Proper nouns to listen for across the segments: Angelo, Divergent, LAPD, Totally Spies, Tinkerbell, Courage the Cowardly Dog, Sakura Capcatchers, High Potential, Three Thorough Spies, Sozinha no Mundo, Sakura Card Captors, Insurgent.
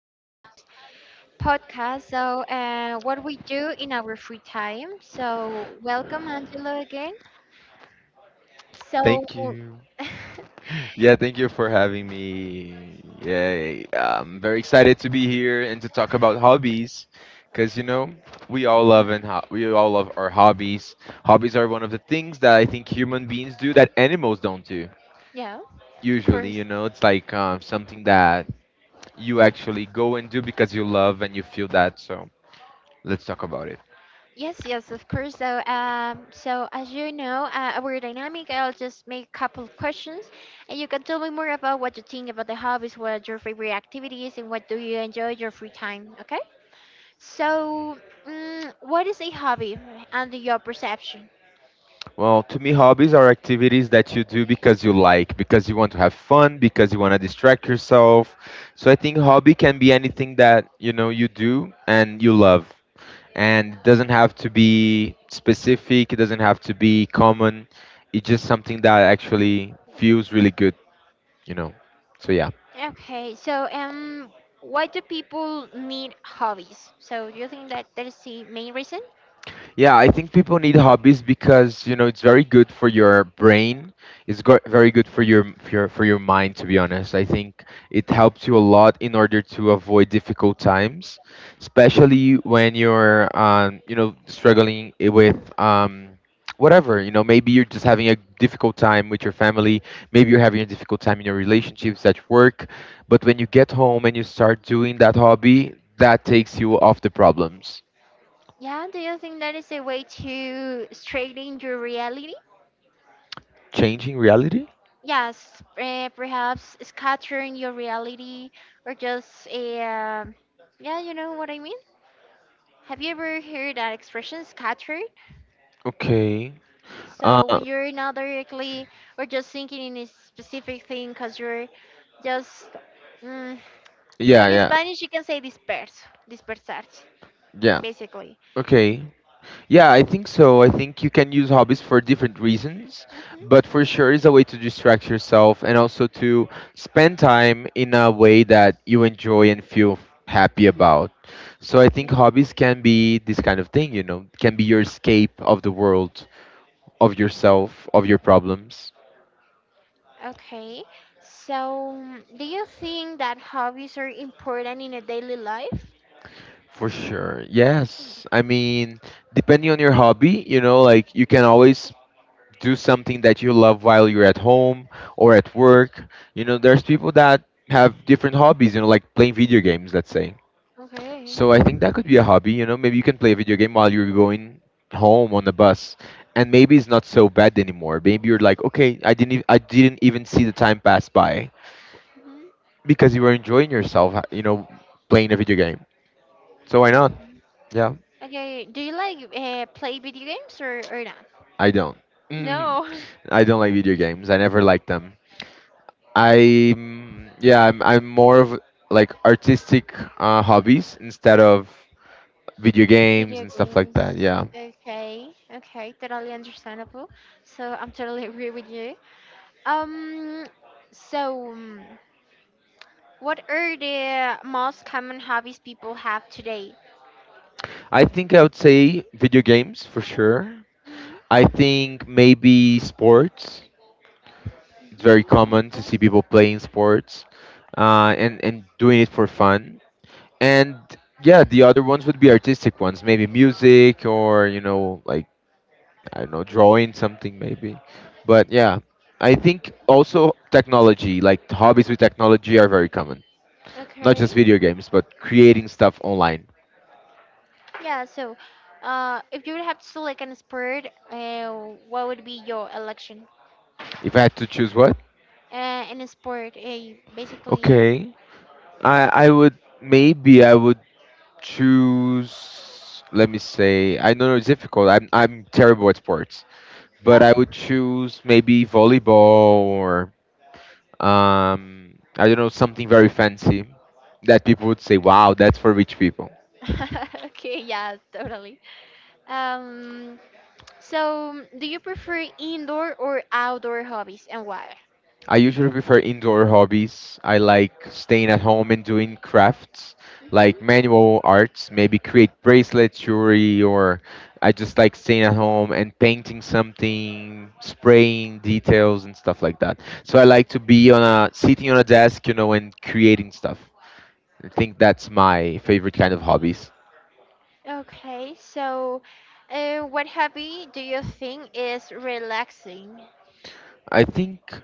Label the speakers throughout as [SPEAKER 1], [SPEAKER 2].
[SPEAKER 1] hobbies podcast. What we do in our free time. So, welcome Angelo again.
[SPEAKER 2] Thank
[SPEAKER 1] So,
[SPEAKER 2] you. Yeah, thank you for having me. Yeah, I'm very excited to be here and to talk about hobbies because you know, we all
[SPEAKER 1] Okay.
[SPEAKER 2] love and we all love our hobbies. Hobbies are one of the things that I think human beings do that animals don't do.
[SPEAKER 1] Yeah, of
[SPEAKER 2] Usually,
[SPEAKER 1] course.
[SPEAKER 2] you know, it's like something that you actually go and do because you love and you feel that. So, let's talk about it.
[SPEAKER 1] Yes, of course. So as you know, our dynamic, I'll just make a couple questions, and you can tell me more about what you think about the hobbies, what are your favorite activities, and what do you enjoy your free time. Okay? So, what is a hobby under your perception?
[SPEAKER 2] Well, to me, hobbies are activities that you do because you like, because you want to have fun, because you want to distract yourself. So I think hobby can be anything that you know you do and you love, and it doesn't have to be specific. It doesn't have to be common. It's just something that actually feels really good, you know. So yeah.
[SPEAKER 1] Okay, so um, why do people need hobbies? So, do you think that is the main reason?
[SPEAKER 2] Yeah, I think people need hobbies because you know it's very good for your brain. It's very good for your mind. To be honest, I think it helps you a lot in order to avoid difficult times, especially when you're you know struggling with whatever. You know, maybe you're just having a difficult time with your family. Maybe you're having a difficult time in your relationships at work. But when you get home and you start doing that hobby, that takes you off the problems.
[SPEAKER 1] Yeah, do you think that is a way to straighten your reality?
[SPEAKER 2] Changing reality.
[SPEAKER 1] Yes, perhaps scattering your reality or just, yeah, you know what I mean? Have you ever heard that expression, scatter?
[SPEAKER 2] Okay.
[SPEAKER 1] So
[SPEAKER 2] Uh,
[SPEAKER 1] when you're not directly or just thinking in a specific thing, because just mm,
[SPEAKER 2] yeah,
[SPEAKER 1] in
[SPEAKER 2] yeah,
[SPEAKER 1] Spanish, you can say disperso, dispersarse,
[SPEAKER 2] yeah.
[SPEAKER 1] basically.
[SPEAKER 2] Okay. Yeah, I think so. I think you can use hobbies for different reasons,
[SPEAKER 1] Mhm,
[SPEAKER 2] but for sure it's a way to distract yourself and also to spend time in a way that you enjoy and feel happy
[SPEAKER 1] mhm.
[SPEAKER 2] about. So I think
[SPEAKER 1] Okay.
[SPEAKER 2] hobbies can be this kind of thing, you know, can be your escape of the world, of yourself, of your problems.
[SPEAKER 1] Okay. Do you think that hobbies are important in a daily life?
[SPEAKER 2] For sure. Yes. I mean, depending on your hobby, you know, like you can always do something that you love while you're at home or at work. You know, there's people that have different hobbies, you know, like playing video games, let's say.
[SPEAKER 1] Okay.
[SPEAKER 2] So I think that could be a hobby, you know, maybe you can play a video game while you're going home on the bus. And maybe it's not so bad anymore. Maybe you're like, okay, I didn't, I didn't even see the time pass by
[SPEAKER 1] Mhm.
[SPEAKER 2] because you were enjoying yourself, you know, playing a video game. So why not?
[SPEAKER 1] Okay.
[SPEAKER 2] Yeah.
[SPEAKER 1] Okay. Do you like play video games or not?
[SPEAKER 2] I don't. Mhm.
[SPEAKER 1] No.
[SPEAKER 2] I don't like video games. I never liked them. Yeah, I'm more of like artistic hobbies instead of video games
[SPEAKER 1] Video
[SPEAKER 2] and stuff like
[SPEAKER 1] games.
[SPEAKER 2] that. Yeah.
[SPEAKER 1] Okay, totally understandable. So I'm totally agree with you. Um, so um, what are the most common hobbies people have today?
[SPEAKER 2] I think I would say video games for sure. I think maybe sports. It's very
[SPEAKER 1] Mm-hmm.
[SPEAKER 2] common to see
[SPEAKER 1] Okay.
[SPEAKER 2] people playing sports and doing it for fun. And yeah, the other ones would be artistic ones, maybe music or you know like I don't know, drawing something maybe. But yeah, I think also technology, like hobbies with technology, are very common. Not just
[SPEAKER 1] Okay.
[SPEAKER 2] video games, but creating stuff online.
[SPEAKER 1] Yeah. So, if you would have to select an sport, what would be your election?
[SPEAKER 2] If I had to choose what?
[SPEAKER 1] In a sport, basically.
[SPEAKER 2] Okay. I would choose, let me say, I know it's difficult. I'm terrible at sports. But
[SPEAKER 1] Yeah.
[SPEAKER 2] I would choose maybe volleyball or um, I don't know, something very fancy that people would say, "Wow, that's for rich people."
[SPEAKER 1] okay. Yeah. Totally. Um. So, do you prefer indoor or outdoor hobbies and why?
[SPEAKER 2] I usually prefer indoor hobbies. I like staying at home and doing crafts, like
[SPEAKER 1] Mhm.
[SPEAKER 2] manual arts, maybe create bracelets, jewelry, or I just like staying at home and painting something, spraying details and stuff like that. So I like to be on a sitting on a desk, you know, and creating stuff. I think that's my favorite kind of hobbies.
[SPEAKER 1] Okay, so what hobby do you think is relaxing?
[SPEAKER 2] I think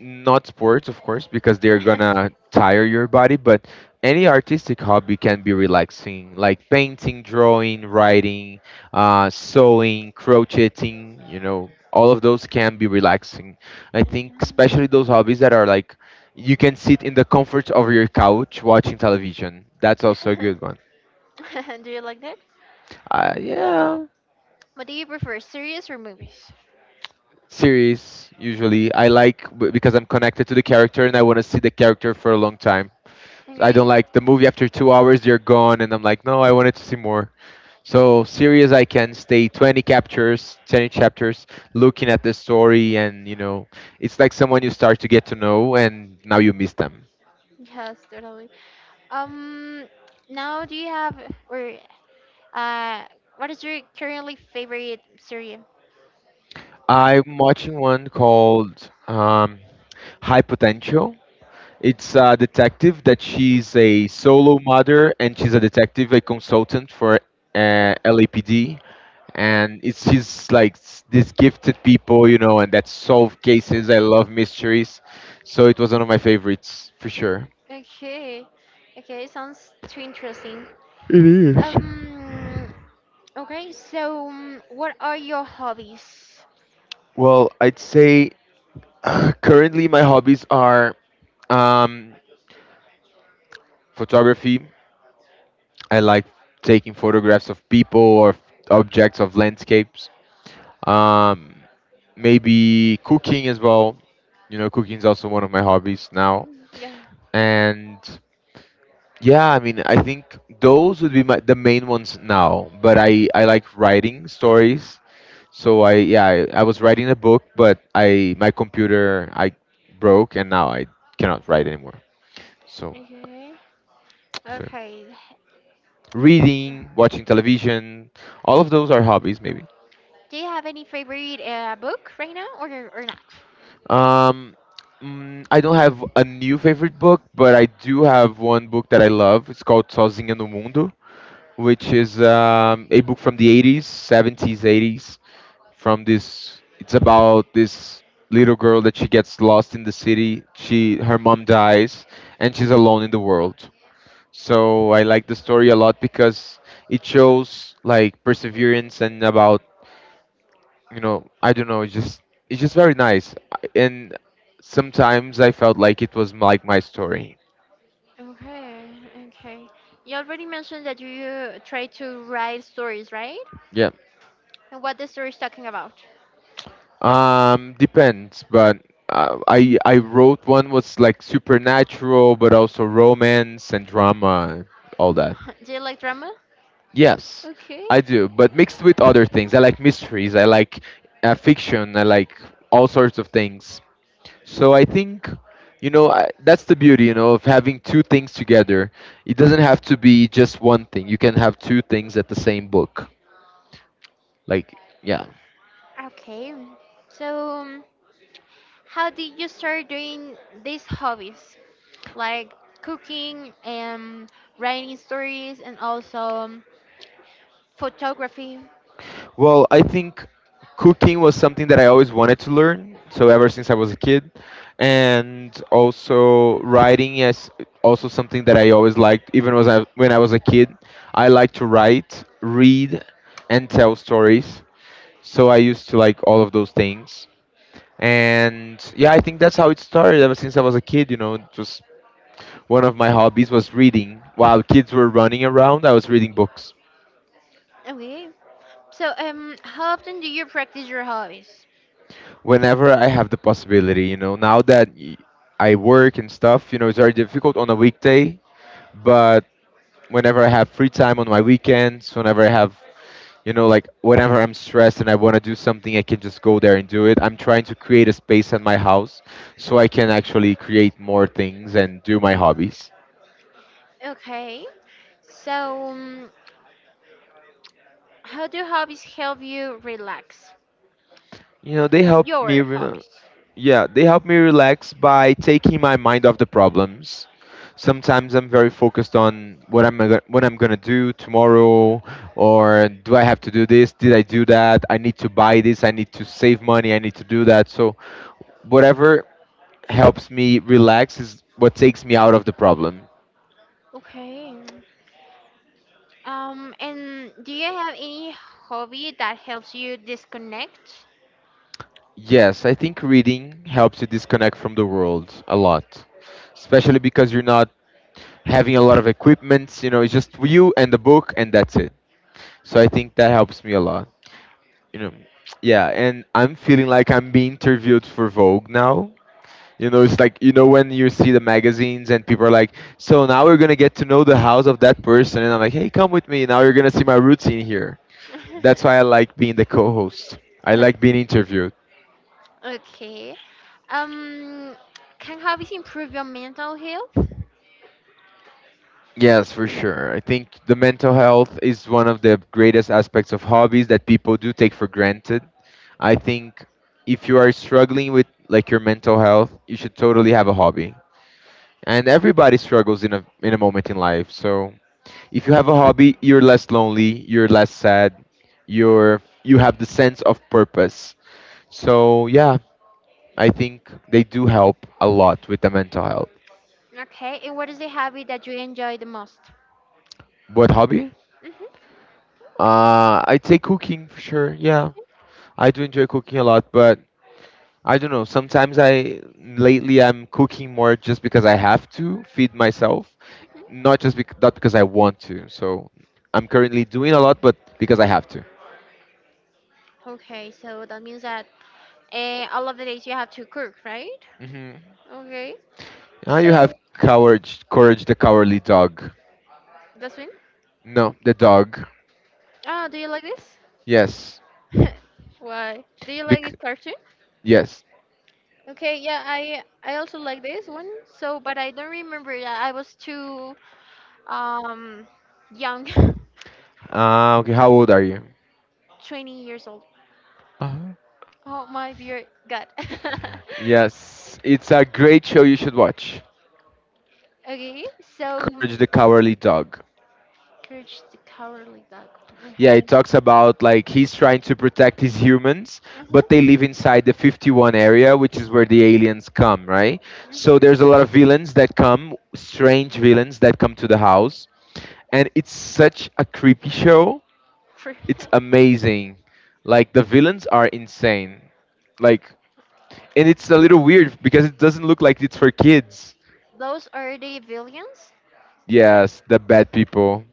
[SPEAKER 2] not sports of course because they're
[SPEAKER 1] Okay.
[SPEAKER 2] gonna tire your body, but any artistic hobby can be relaxing, like painting, drawing, writing, sewing, crocheting, you know, all of those can be relaxing. I think especially those hobbies that are like you can sit in the comfort of your couch watching television, that's also a good one.
[SPEAKER 1] do you like that?
[SPEAKER 2] Yeah.
[SPEAKER 1] What do you prefer, series or movies?
[SPEAKER 2] Series usually. I like because I'm connected to the character and I want to see the character for a long time. I don't
[SPEAKER 1] Agree.
[SPEAKER 2] like the movie, after 2 hours, you're gone. And I'm like, no, I wanted to see more. So, serious, I can stay 20 captures, 20 chapters, looking at the story. And, you know, it's like someone you start to get to know, and now you miss them.
[SPEAKER 1] Yes, totally. Um, now do you have or uh, what is your currently favorite series?
[SPEAKER 2] I'm watching one called High Potential. It's a detective that she's a solo mother, and she's a detective, a consultant for LAPD. And it's just like these gifted people, you know, and that solve cases. I love mysteries, so it was one of my favorites for sure.
[SPEAKER 1] Okay, okay, sounds too interesting.
[SPEAKER 2] It is.
[SPEAKER 1] Um. Okay. What are your hobbies?
[SPEAKER 2] Well, I'd say currently my hobbies are um, photography. I like taking photographs of people or objects, of landscapes. Um, maybe cooking as well. You know, cooking is also one of my hobbies now.
[SPEAKER 1] Mm, yeah.
[SPEAKER 2] And yeah, I mean, I think those would be the main ones now. But I like writing stories. So I, yeah, I was writing a book, but I, my computer I broke, and now I cannot write anymore. So
[SPEAKER 1] Okay.
[SPEAKER 2] so
[SPEAKER 1] Okay.
[SPEAKER 2] reading, watching television, all of those are hobbies maybe.
[SPEAKER 1] Do you have any favorite book right now, or not?
[SPEAKER 2] Um, I don't have a new favorite book, but I do have one book that I love. It's called Sozinha no Mundo, which is a book from the 80s, 70s, 80s. From this, it's about this little girl that she gets lost in the city, she, her mom dies, and she's alone in the world. So I like the story a lot because it shows like perseverance, and about, you know, I don't know, it's just, it's just very nice. And sometimes I felt like it was like my story.
[SPEAKER 1] Okay. Okay. You already mentioned that you try to write stories, right?
[SPEAKER 2] Yeah.
[SPEAKER 1] And what the story is talking about?
[SPEAKER 2] Um, depends, but I wrote one, was like supernatural but also romance and drama, all that.
[SPEAKER 1] Do you like drama?
[SPEAKER 2] Yes,
[SPEAKER 1] Okay.
[SPEAKER 2] I do, but mixed with other things. I like mysteries, I like fiction, I like all sorts of things. So I think, you know, that's the beauty, you know, of having two things together. It doesn't have to be just one thing. You can have two things at the same book. Like, yeah.
[SPEAKER 1] Okay. So, um, How did you start doing these hobbies, like cooking and writing stories, and also photography?
[SPEAKER 2] Well, I think cooking was something that I always wanted to learn. So ever since I was a kid, and also writing is also something that I always liked. When I was a kid, I liked to write, read, and tell stories. So I used to like all of those things. And yeah, I think that's how it started. Ever since I was a kid, you know, just one of my hobbies was reading. While kids were running around, I was reading books.
[SPEAKER 1] Okay. How often do you practice your hobbies?
[SPEAKER 2] Whenever I have the possibility, you know, now that I work and stuff, you know, it's very difficult on a weekday, but whenever I have free time on my weekends, whenever I have, you know, like whenever I'm stressed and I want to do something, I can just go there and do it. I'm trying to create a space at my house so I can actually create more things and do my hobbies.
[SPEAKER 1] Okay. So, um, how do hobbies help you relax?
[SPEAKER 2] You know, they help me.
[SPEAKER 1] Your hobbies.
[SPEAKER 2] Yeah, they help me relax by taking my mind off the problems. Sometimes I'm very focused on what what I'm gonna do tomorrow, or do I have to do this? Did I do that? I need to buy this. I need to save money. I need to do that. So, whatever helps me relax is what takes me out of the problem.
[SPEAKER 1] Okay. And do you have any hobby that helps you disconnect?
[SPEAKER 2] Yes, I think reading helps you disconnect from the world a lot, especially because you're not having a lot of equipment. You know, it's just you and the book, and that's it. So I think that helps me a lot. You know, yeah, and I'm feeling like I'm being interviewed for Vogue now. You know, it's like you know when you see the magazines and people are like, "So now we're gonna get to know the house of that person," and I'm like, "Hey, come with me. Now you're gonna see my roots in here." That's why I like being the co-host. I
[SPEAKER 1] Okay.
[SPEAKER 2] like being interviewed.
[SPEAKER 1] Okay. Um, can hobbies improve your mental health?
[SPEAKER 2] Yes, for sure. I think the mental health is one of the greatest aspects of hobbies that people do take for granted. I think if you are struggling with like your mental health, you should totally have a hobby. And everybody struggles in a moment in life. So if you have a hobby, you're less lonely, you're less sad, you have the sense of purpose. So yeah, I think they do help a lot with the mental health.
[SPEAKER 1] Okay. And what is the hobby that you enjoy the most?
[SPEAKER 2] What hobby? I'd say cooking for sure. Yeah,
[SPEAKER 1] Mm-hmm.
[SPEAKER 2] I do enjoy cooking a lot, but I don't know. Sometimes I lately I'm cooking more just because I have to feed myself,
[SPEAKER 1] Hmm.
[SPEAKER 2] not because I want to. So I'm currently doing a lot, but because I have to.
[SPEAKER 1] Okay. So that means that all of the days you have to cook, right?
[SPEAKER 2] hmm
[SPEAKER 1] Okay.
[SPEAKER 2] Ah, you have
[SPEAKER 1] So
[SPEAKER 2] courage the cowardly dog.
[SPEAKER 1] that's when.
[SPEAKER 2] No, the dog.
[SPEAKER 1] Ah, do you like this?
[SPEAKER 2] Yes.
[SPEAKER 1] Why? Do you like this
[SPEAKER 2] Bec-
[SPEAKER 1] cartoon?
[SPEAKER 2] yes.
[SPEAKER 1] Okay, yeah, I also like this one. So, but I don't remember. I was too um young,
[SPEAKER 2] Ah, okay. How old are you?
[SPEAKER 1] 20 years old.
[SPEAKER 2] Uh-huh.
[SPEAKER 1] Oh my dear God.
[SPEAKER 2] Yes, it's a great show you should watch.
[SPEAKER 1] okay, so
[SPEAKER 2] Courage
[SPEAKER 1] um,
[SPEAKER 2] the Cowardly Dog.
[SPEAKER 1] Courage the Cowardly Dog.
[SPEAKER 2] Yeah,
[SPEAKER 1] Okay.
[SPEAKER 2] it talks about like he's trying to protect his humans, but they live inside the 51 area, which is where the aliens come, right? So
[SPEAKER 1] Hmm.
[SPEAKER 2] there's a lot of strange villains that come to the house, and it's such a creepy show.
[SPEAKER 1] For
[SPEAKER 2] It's amazing. Like the villains are insane. Like and it's a little weird because it doesn't look like it's for kids.
[SPEAKER 1] those are the villains,
[SPEAKER 2] Yes,
[SPEAKER 1] right?
[SPEAKER 2] the bad people.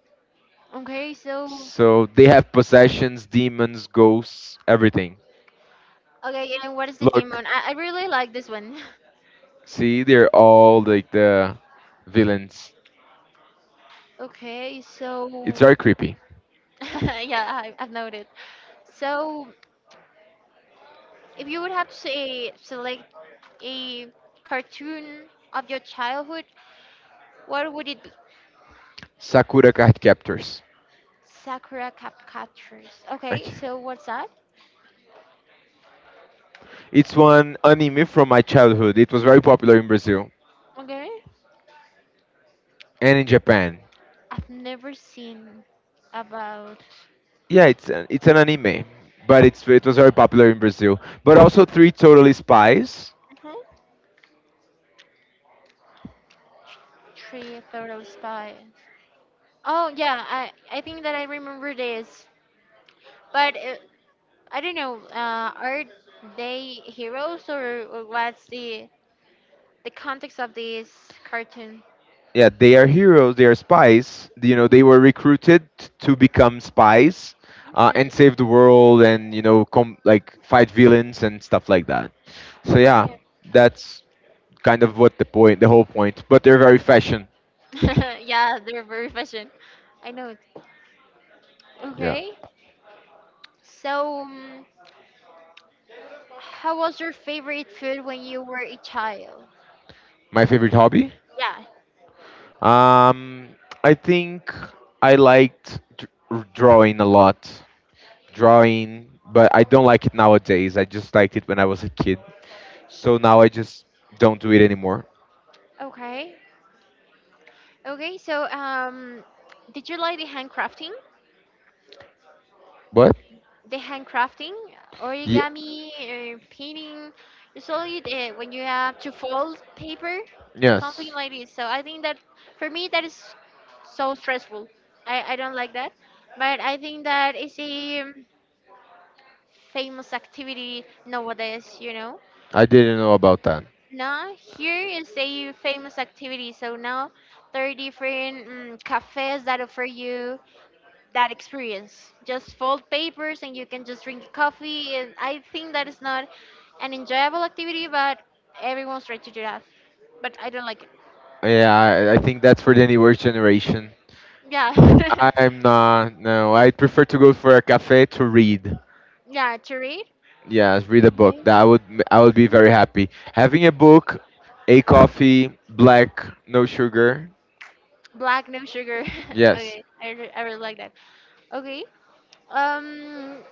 [SPEAKER 1] Okay, so
[SPEAKER 2] So they have possessions, demons, ghosts, everything.
[SPEAKER 1] okay, and what is the
[SPEAKER 2] Look,
[SPEAKER 1] demon? I really like this one.
[SPEAKER 2] see, they're all like the villains.
[SPEAKER 1] Okay,
[SPEAKER 2] It's
[SPEAKER 1] so
[SPEAKER 2] very creepy.
[SPEAKER 1] yeah, I've noted. So if you would have to say select a cartoon of your childhood, what would it be?
[SPEAKER 2] Sakura Card Captors.
[SPEAKER 1] Sakura Capcatchers. Okay,
[SPEAKER 2] Okay.
[SPEAKER 1] so what's that?
[SPEAKER 2] It's one anime from my childhood. It was very popular in Brazil
[SPEAKER 1] Okay.
[SPEAKER 2] and in Japan.
[SPEAKER 1] I've never seen about.
[SPEAKER 2] Yeah, it's an anime, but it was very popular in Brazil. But also three totally spies.
[SPEAKER 1] Hmm. Three Thorough Spies. Oh yeah, I think that I remember this, but I don't know. Are they heroes, or what's the context of this cartoon?
[SPEAKER 2] Yeah, they are heroes. They are spies. You know, they
[SPEAKER 1] Hmm.
[SPEAKER 2] were recruited to become spies and
[SPEAKER 1] Hmm.
[SPEAKER 2] save the world, and you know, like fight villains and stuff like that. So yeah,
[SPEAKER 1] Okay.
[SPEAKER 2] that's kind of the whole point. But they're very fashion.
[SPEAKER 1] Okay. Yeah, they're very fashion. I know it.
[SPEAKER 2] Yeah,
[SPEAKER 1] Okay. So, um, How was your favorite food when you were a child?
[SPEAKER 2] my favorite hobby.
[SPEAKER 1] Yeah.
[SPEAKER 2] Um, I think I liked drawing a lot. Drawing, but I don't like it nowadays. I just liked it when I was a kid. So now I just don't do it anymore.
[SPEAKER 1] Okay. Okay. Did you like the handcrafting?
[SPEAKER 2] What?
[SPEAKER 1] The handcrafting,
[SPEAKER 2] Ye-
[SPEAKER 1] origami, painting. You saw it when you have to fold paper, something
[SPEAKER 2] yes.
[SPEAKER 1] like this. So I think that for me that is so stressful. I don't like that. But I think that is a famous activity nowadays. You know.
[SPEAKER 2] I didn't know about that.
[SPEAKER 1] Now here is a famous activity. So now there are different cafes that offer you that experience. Just fold papers and you can just drink coffee. And I think that is not an enjoyable activity, but everyone's trying to do that. But I don't like it.
[SPEAKER 2] Yeah, I think that's for the newer generation.
[SPEAKER 1] Yeah,
[SPEAKER 2] I'm not, no, I'd prefer to go for a cafe to read.
[SPEAKER 1] yeah. To read.
[SPEAKER 2] Yes, read a book.
[SPEAKER 1] Okay.
[SPEAKER 2] That would I would be very happy. Having a book, a coffee, black, no sugar.
[SPEAKER 1] Black, no sugar.
[SPEAKER 2] Yes,
[SPEAKER 1] I really like that. Okay. Um,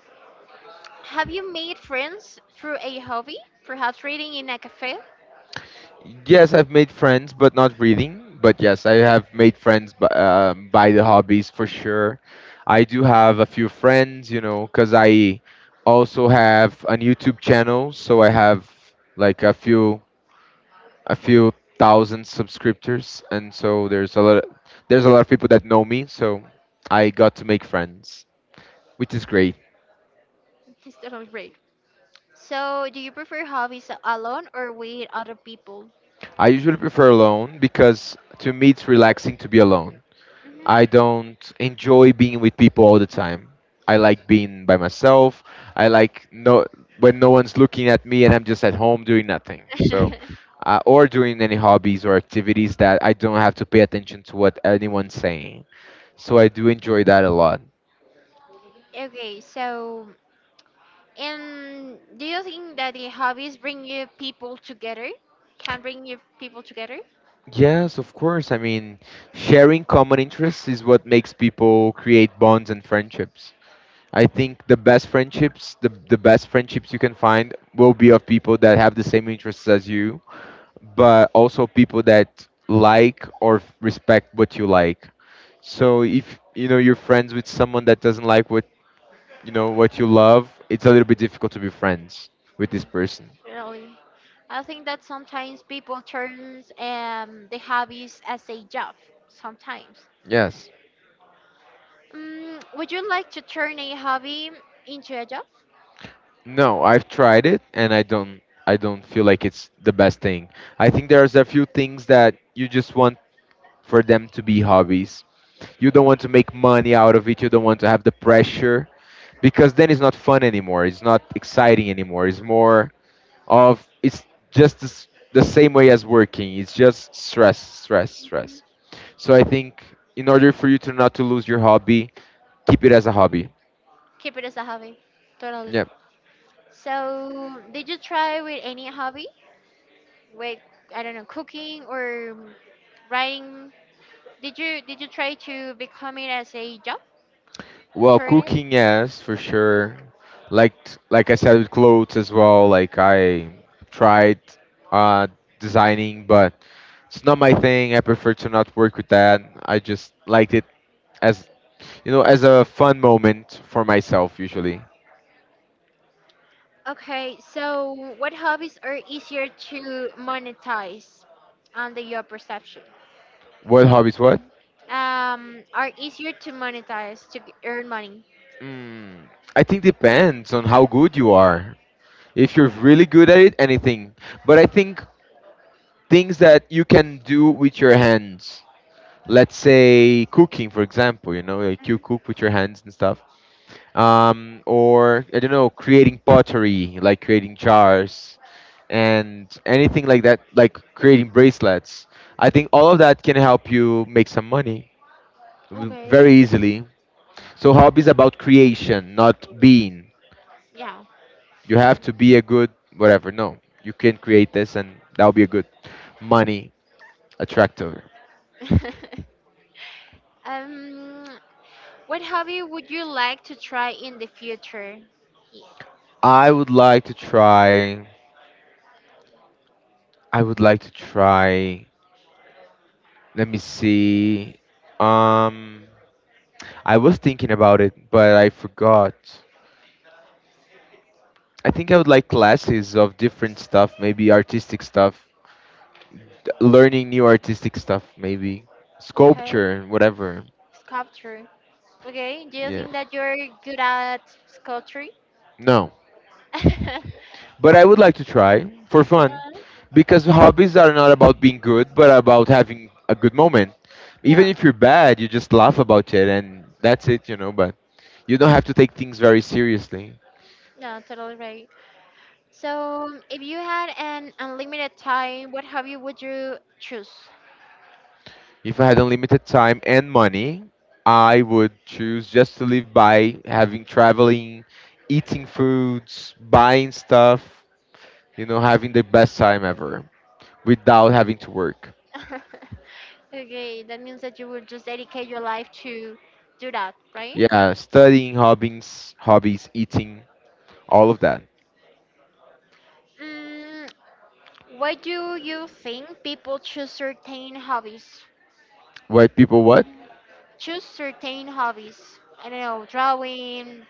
[SPEAKER 1] have you made friends through a hobby? Perhaps reading in a cafe?
[SPEAKER 2] yes, I've made friends, but not reading. But yes, I have made friends by the hobbies for sure. I do have a few friends, you know, because I also have an YouTube channel, so I have like a few thousand subscriptors, and so there's a lot of people that know me, so I got to make friends, which is great.
[SPEAKER 1] This is not great. So, do you prefer hobbies alone or with other people?
[SPEAKER 2] I usually prefer alone because to me it's relaxing to be alone. I
[SPEAKER 1] Mhm.
[SPEAKER 2] don't enjoy being with people all the time. I like being by myself. I like no when no one's looking at me and I'm just at home doing nothing. So or doing any hobbies or activities that I don't have to pay attention to what anyone's saying. So I do enjoy that a lot.
[SPEAKER 1] okay, so and do you think that the hobbies bring you people together? Can bring you people together?
[SPEAKER 2] Yes, of course. I mean, sharing common interests is what makes people create bonds and friendships. I think the best the best friendships you can find will be of people that have the same interests as you, but also people that like or respect what you like. So if you know you're friends with someone that doesn't like what you know what you love, it's a little bit difficult to be friends with this
[SPEAKER 1] Mm,
[SPEAKER 2] person.
[SPEAKER 1] really, I think that sometimes people turns the hobbies as a job. Sometimes.
[SPEAKER 2] Yes.
[SPEAKER 1] Mm, would you like to turn a hobby into a job?
[SPEAKER 2] No, I've tried it and I don't feel like it's the best thing. I think there's a few things that you just want for them to be hobbies. You don't want to make money out of it. You don't want to have the pressure because then it's not fun anymore. It's not exciting anymore. It's more of it's just this, the same way as working. It's just stress. So I think in order for you to not to lose your hobby, keep it as a hobby.
[SPEAKER 1] Keep it as a hobby. Totally.
[SPEAKER 2] Yeah.
[SPEAKER 1] So, did you try with any hobby? With I don't know, cooking or writing? Did you try to become it as a job, a
[SPEAKER 2] Well,
[SPEAKER 1] turn it?
[SPEAKER 2] cooking, yes, for sure. Like like I said with clothes as well, like I tried uh designing, but it's not my thing. I prefer to not work with that. I just liked it as you know, as a fun moment for myself usually.
[SPEAKER 1] Okay, so what hobbies are easier to monetize under your perception?
[SPEAKER 2] What hobbies what?
[SPEAKER 1] Are easier to monetize to g- earn money?
[SPEAKER 2] Mm, I think depends on how good you are. If you're really good at it, anything. But I think things that you can do with your hands, let's say cooking, for example. You know, like
[SPEAKER 1] Mhm.
[SPEAKER 2] you cook with your hands and stuff, or I don't know, creating pottery, like creating jars and anything like that, like creating bracelets. I think all of that can help you make some money very
[SPEAKER 1] Okay.
[SPEAKER 2] easily. So hobbies about creation, not being,
[SPEAKER 1] Yeah.
[SPEAKER 2] you have
[SPEAKER 1] Yes.
[SPEAKER 2] to be a good whatever. No, you can create this and that'll be a good money attractor.
[SPEAKER 1] so- um, what hobby would you like to try in the future? Y-
[SPEAKER 2] i would like to try I would like to try. Let me see. Um, I was thinking about it, but I forgot. I think I would like classes of different stuff, maybe artistic stuff, learning new artistic stuff, maybe
[SPEAKER 1] Okay,
[SPEAKER 2] sculpture, whatever.
[SPEAKER 1] sculpture. Okay, do you
[SPEAKER 2] Yeah.
[SPEAKER 1] think that you're good at sculpture?
[SPEAKER 2] No. But I would like to try for
[SPEAKER 1] Yeah,
[SPEAKER 2] fun because hobbies are not about being good, but about having a good moment. Even
[SPEAKER 1] yeah,
[SPEAKER 2] if you're bad, you just laugh about it and that's it, you know, but you don't have to take things very seriously.
[SPEAKER 1] yeah, totally right. So, if you had an unlimited time, what hobby would you choose?
[SPEAKER 2] If I had unlimited time and money, I would choose just to live by having traveling, eating foods, buying stuff, you know, having the best time ever without having to work.
[SPEAKER 1] Okay, that means that you would just dedicate your life to do that, right?
[SPEAKER 2] Yeah, studying, hobbies, eating, all of that.
[SPEAKER 1] Mm, why do you think people choose certain hobbies?
[SPEAKER 2] Why people what?
[SPEAKER 1] Choose certain hobbies. I don't know, drawing,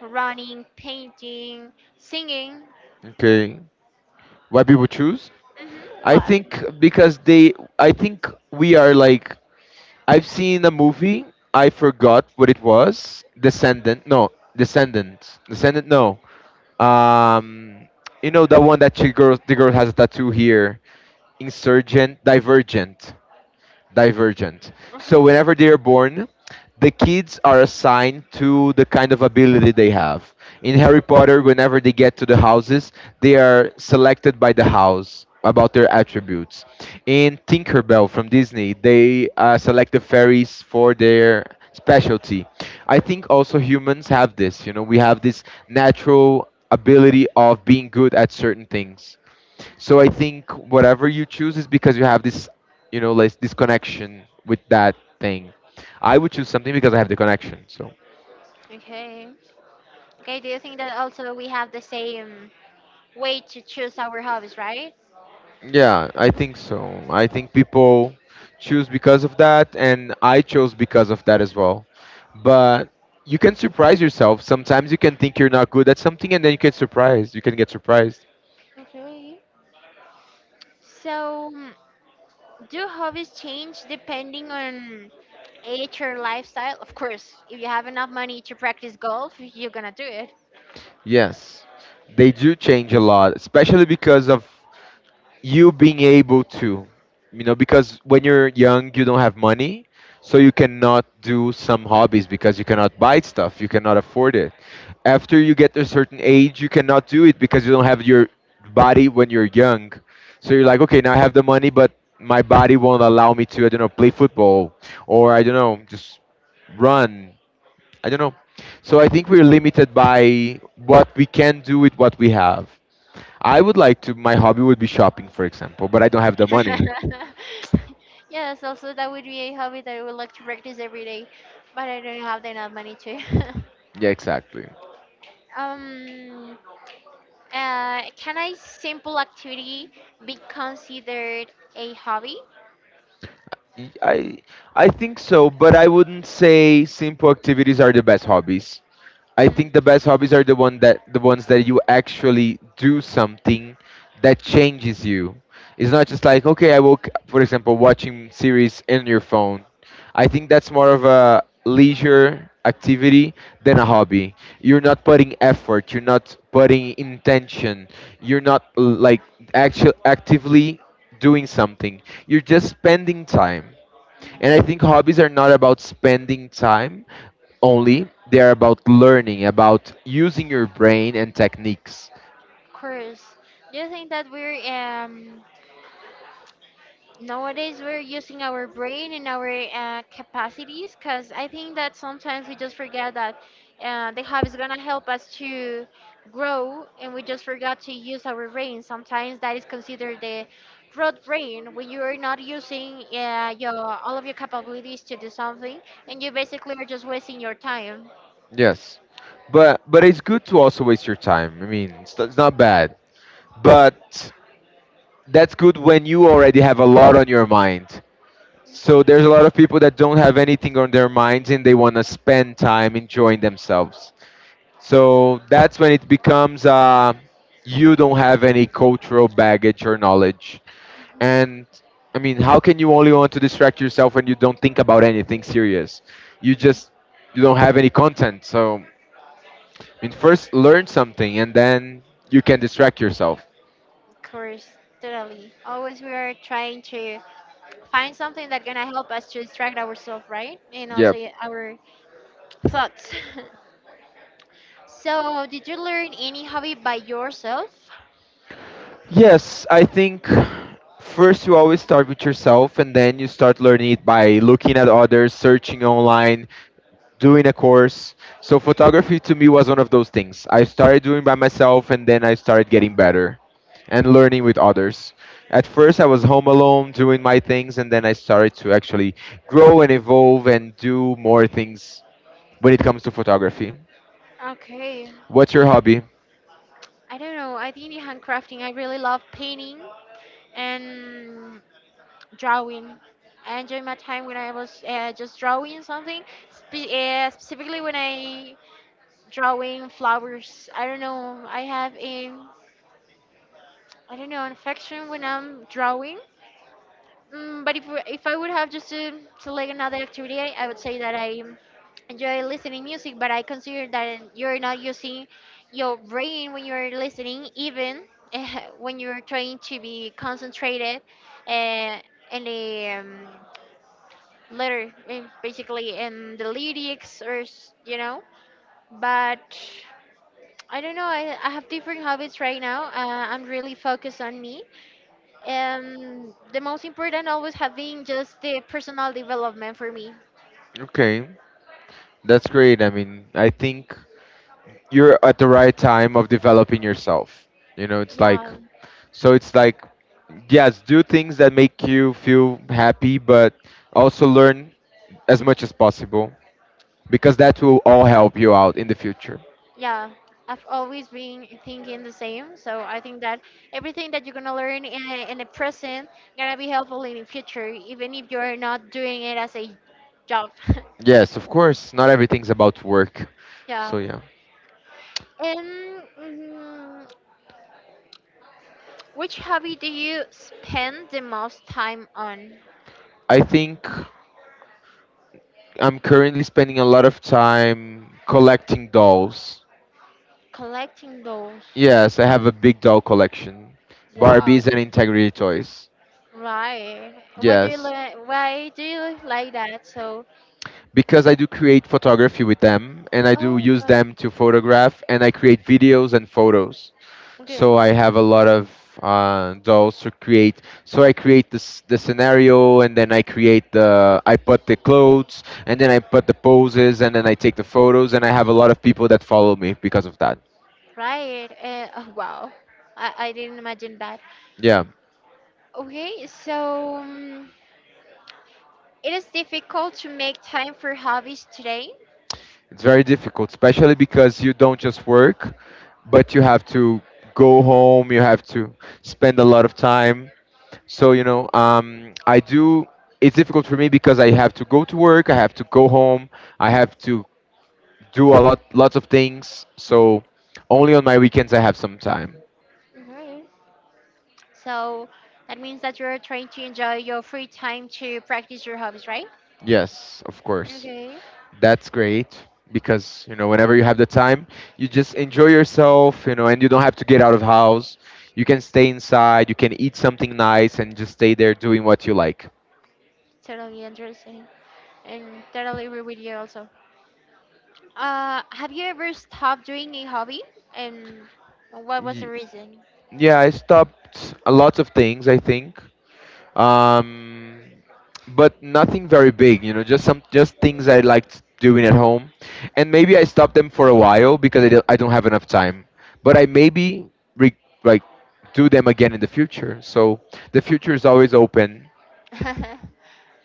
[SPEAKER 1] running, painting, singing.
[SPEAKER 2] Okay. Why people choose?
[SPEAKER 1] Mhm.
[SPEAKER 2] I
[SPEAKER 1] What?
[SPEAKER 2] think because they, I think we are like, I've seen a movie, I forgot what it was. Descendant. No, Descendant. Descendant no. Um, you know the one that she girl the girl has a tattoo here. Insurgent, Divergent divergent. So
[SPEAKER 1] Mhm.
[SPEAKER 2] whenever they are born, the kids are assigned to the kind of ability they have. In Harry Potter, whenever they get to the houses, they are selected by the house about their attributes. In Tinkerbell from Disney, they select the fairies for their specialty. I think also humans have this, you know, we have this natural ability of being good at certain things. So I think whatever you choose is because you have this, you know, like this connection with that thing. I would choose something because I have the connection. So
[SPEAKER 1] Okay. Okay. Do you think that also we have the same way to choose our hobbies, right?
[SPEAKER 2] yeah, I think so. I think people choose because of that, and I chose because of that as well. But you can surprise yourself. Sometimes you can think you're not good at something, and then you get surprised. You can get surprised.
[SPEAKER 1] Okay. So, mm, do hobbies change depending on age or lifestyle? Of course, if you have enough money to practice golf, you're gonna do it.
[SPEAKER 2] Yes, they do change a lot, especially because of you being able to, you know, because when you're young you don't have money, so you cannot do some hobbies because you cannot buy stuff, you cannot afford it. After you get a certain age you cannot do it because you don't have your body when you're young. So you're like okay, now I have the money but my body won't allow me to, I don't know, play football, or I don't know, just run. I don't know. So I think we're limited by what we can do with what we have. I would like to. My hobby would be shopping, for example, but I don't have the money.
[SPEAKER 1] yes. Also, that would be a hobby that I would like to practice every day, but I don't have enough money to.
[SPEAKER 2] Yeah, exactly.
[SPEAKER 1] um. Can a simple activity be considered a hobby?
[SPEAKER 2] Y- I I think so, but I wouldn't say simple activities are the best hobbies. I
[SPEAKER 1] Mm-hmm.
[SPEAKER 2] think the best hobbies are the ones that you actually do something that changes you. It's not just like okay, I woke, for example, watching series in your phone. I think that's more of a leisure activity than a hobby. You're not putting effort. You're not putting intention. You're not like actually actively doing something. You're just spending time.
[SPEAKER 1] Of
[SPEAKER 2] And I think hobbies are not about spending time only, they are about learning, about using your brain and techniques.
[SPEAKER 1] course. Do you think that we're nowadays we're using our brain and our capacities, because I think that sometimes we just forget that the hobby is going to help us to grow, and we just forgot to use our brain sometimes, that is considered the road brain when you are not using your all of your capabilities to do something, and you basically are just wasting your time.
[SPEAKER 2] Yes. But it's good to also waste your time. I mean, it's not bad. But that's good when you already have a lot on your mind. So there's a lot of people that don't have anything on their minds and they want to spend time enjoying themselves. So that's when it becomes you don't have any cultural baggage or knowledge. And I mean, how can you only want to distract yourself when you don't think about anything serious? You just you don't have any content. So I mean, first learn something, and then you can distract yourself.
[SPEAKER 1] Of course, totally, always we are trying to find something that's going to help us to distract ourselves, right? And also
[SPEAKER 2] Yep.
[SPEAKER 1] yeah, our thoughts. So, did you learn any hobby by yourself?
[SPEAKER 2] Yes, I think first you always start with yourself and then you start learning it by looking at others, searching online, doing a course. So photography to me was one of those things. I started doing by myself and then I started getting better and learning with others. At first I was home alone doing my things and then I started to actually grow and evolve and do more things when it comes to photography.
[SPEAKER 1] Okay.
[SPEAKER 2] What's your hobby?
[SPEAKER 1] I don't know. I think in handcrafting, I really love painting and drawing. I enjoy my time when I was just drawing something, specifically when I drawing flowers. I don't know. I have a I don't know an affection when I'm drawing. Mm, but if I would have just to select another activity, I would say that I enjoy listening music, but I consider that you're not using your brain when you're listening, even uh, when you're trying to be concentrated uh, in the letter, eh, basically in the lyrics, or s- you know. But I don't know. I have different habits right now. I'm really focused on me and the most important always have been just the personal development for me.
[SPEAKER 2] Okay. That's great. I mean, I think you're at the right time of developing yourself. You know,
[SPEAKER 1] Yeah,
[SPEAKER 2] it's like yes, do things that make you feel happy, but also learn as much as possible because that will all help you out in the future.
[SPEAKER 1] yeah. I've always been thinking the same. So I think that everything that you're gonna learn in the present gonna be helpful in the future, even if you're not doing it as a job.
[SPEAKER 2] Yes, of course, not everything's about work.
[SPEAKER 1] yeah.
[SPEAKER 2] So yeah.
[SPEAKER 1] And mm, which hobby do you spend the most time on?
[SPEAKER 2] I think I'm currently spending a lot of time collecting dolls.
[SPEAKER 1] Collecting those.
[SPEAKER 2] Yes, I have a big doll collection.
[SPEAKER 1] Wow.
[SPEAKER 2] Barbies and integrity toys.
[SPEAKER 1] Right. What do you
[SPEAKER 2] Yes.
[SPEAKER 1] like? Why do you like that? So,
[SPEAKER 2] Because I do create photography with them and I do
[SPEAKER 1] oh,
[SPEAKER 2] use
[SPEAKER 1] got it.
[SPEAKER 2] them to photograph and I create videos and photos.
[SPEAKER 1] Okay.
[SPEAKER 2] So I have a lot of dolls to create. So I create this the scenario and then I put the clothes and then I put the poses and then I take the photos and I have a lot of people that follow me because of that.
[SPEAKER 1] Right. Oh, wow. I didn't imagine that.
[SPEAKER 2] Yeah,
[SPEAKER 1] Okay, so it is difficult to make time for hobbies today.
[SPEAKER 2] it's very difficult, especially because you don't just work, but you have to go home, you have to spend a lot of time. So, you know, it's difficult for me because I have to go to work, I have to go home, I have to do lots of things. So, only on my weekends I have some time.
[SPEAKER 1] Okay. So that means that you're trying to enjoy your free time to practice your hobbies, right?
[SPEAKER 2] Yes, of course.
[SPEAKER 1] Okay.
[SPEAKER 2] That's great because, you know, whenever you have the time, you just enjoy yourself, you know, and you don't have to get out of house. You can stay inside, you can eat something nice and just stay there doing what you like.
[SPEAKER 1] Totally interesting. And totally agree with you also. Have you ever stopped doing a hobby, and what was the
[SPEAKER 2] Y-
[SPEAKER 1] reason?
[SPEAKER 2] Yeah, I stopped a lot of things, I think. um, but nothing very big. You know, just some just things I liked doing at home, and maybe I stopped them for a while because I don't have enough time. But I maybe re- like do them again in the future. So the future is always open.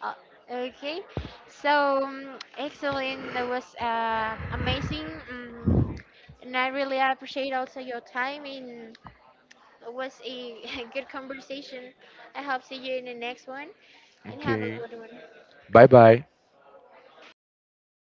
[SPEAKER 1] Uh, okay, so excellent. That was amazing, um, and I really appreciate also your time. And it was a good conversation. I hope see you in the next one, and have a
[SPEAKER 2] Okay.
[SPEAKER 1] good one.
[SPEAKER 2] Bye bye.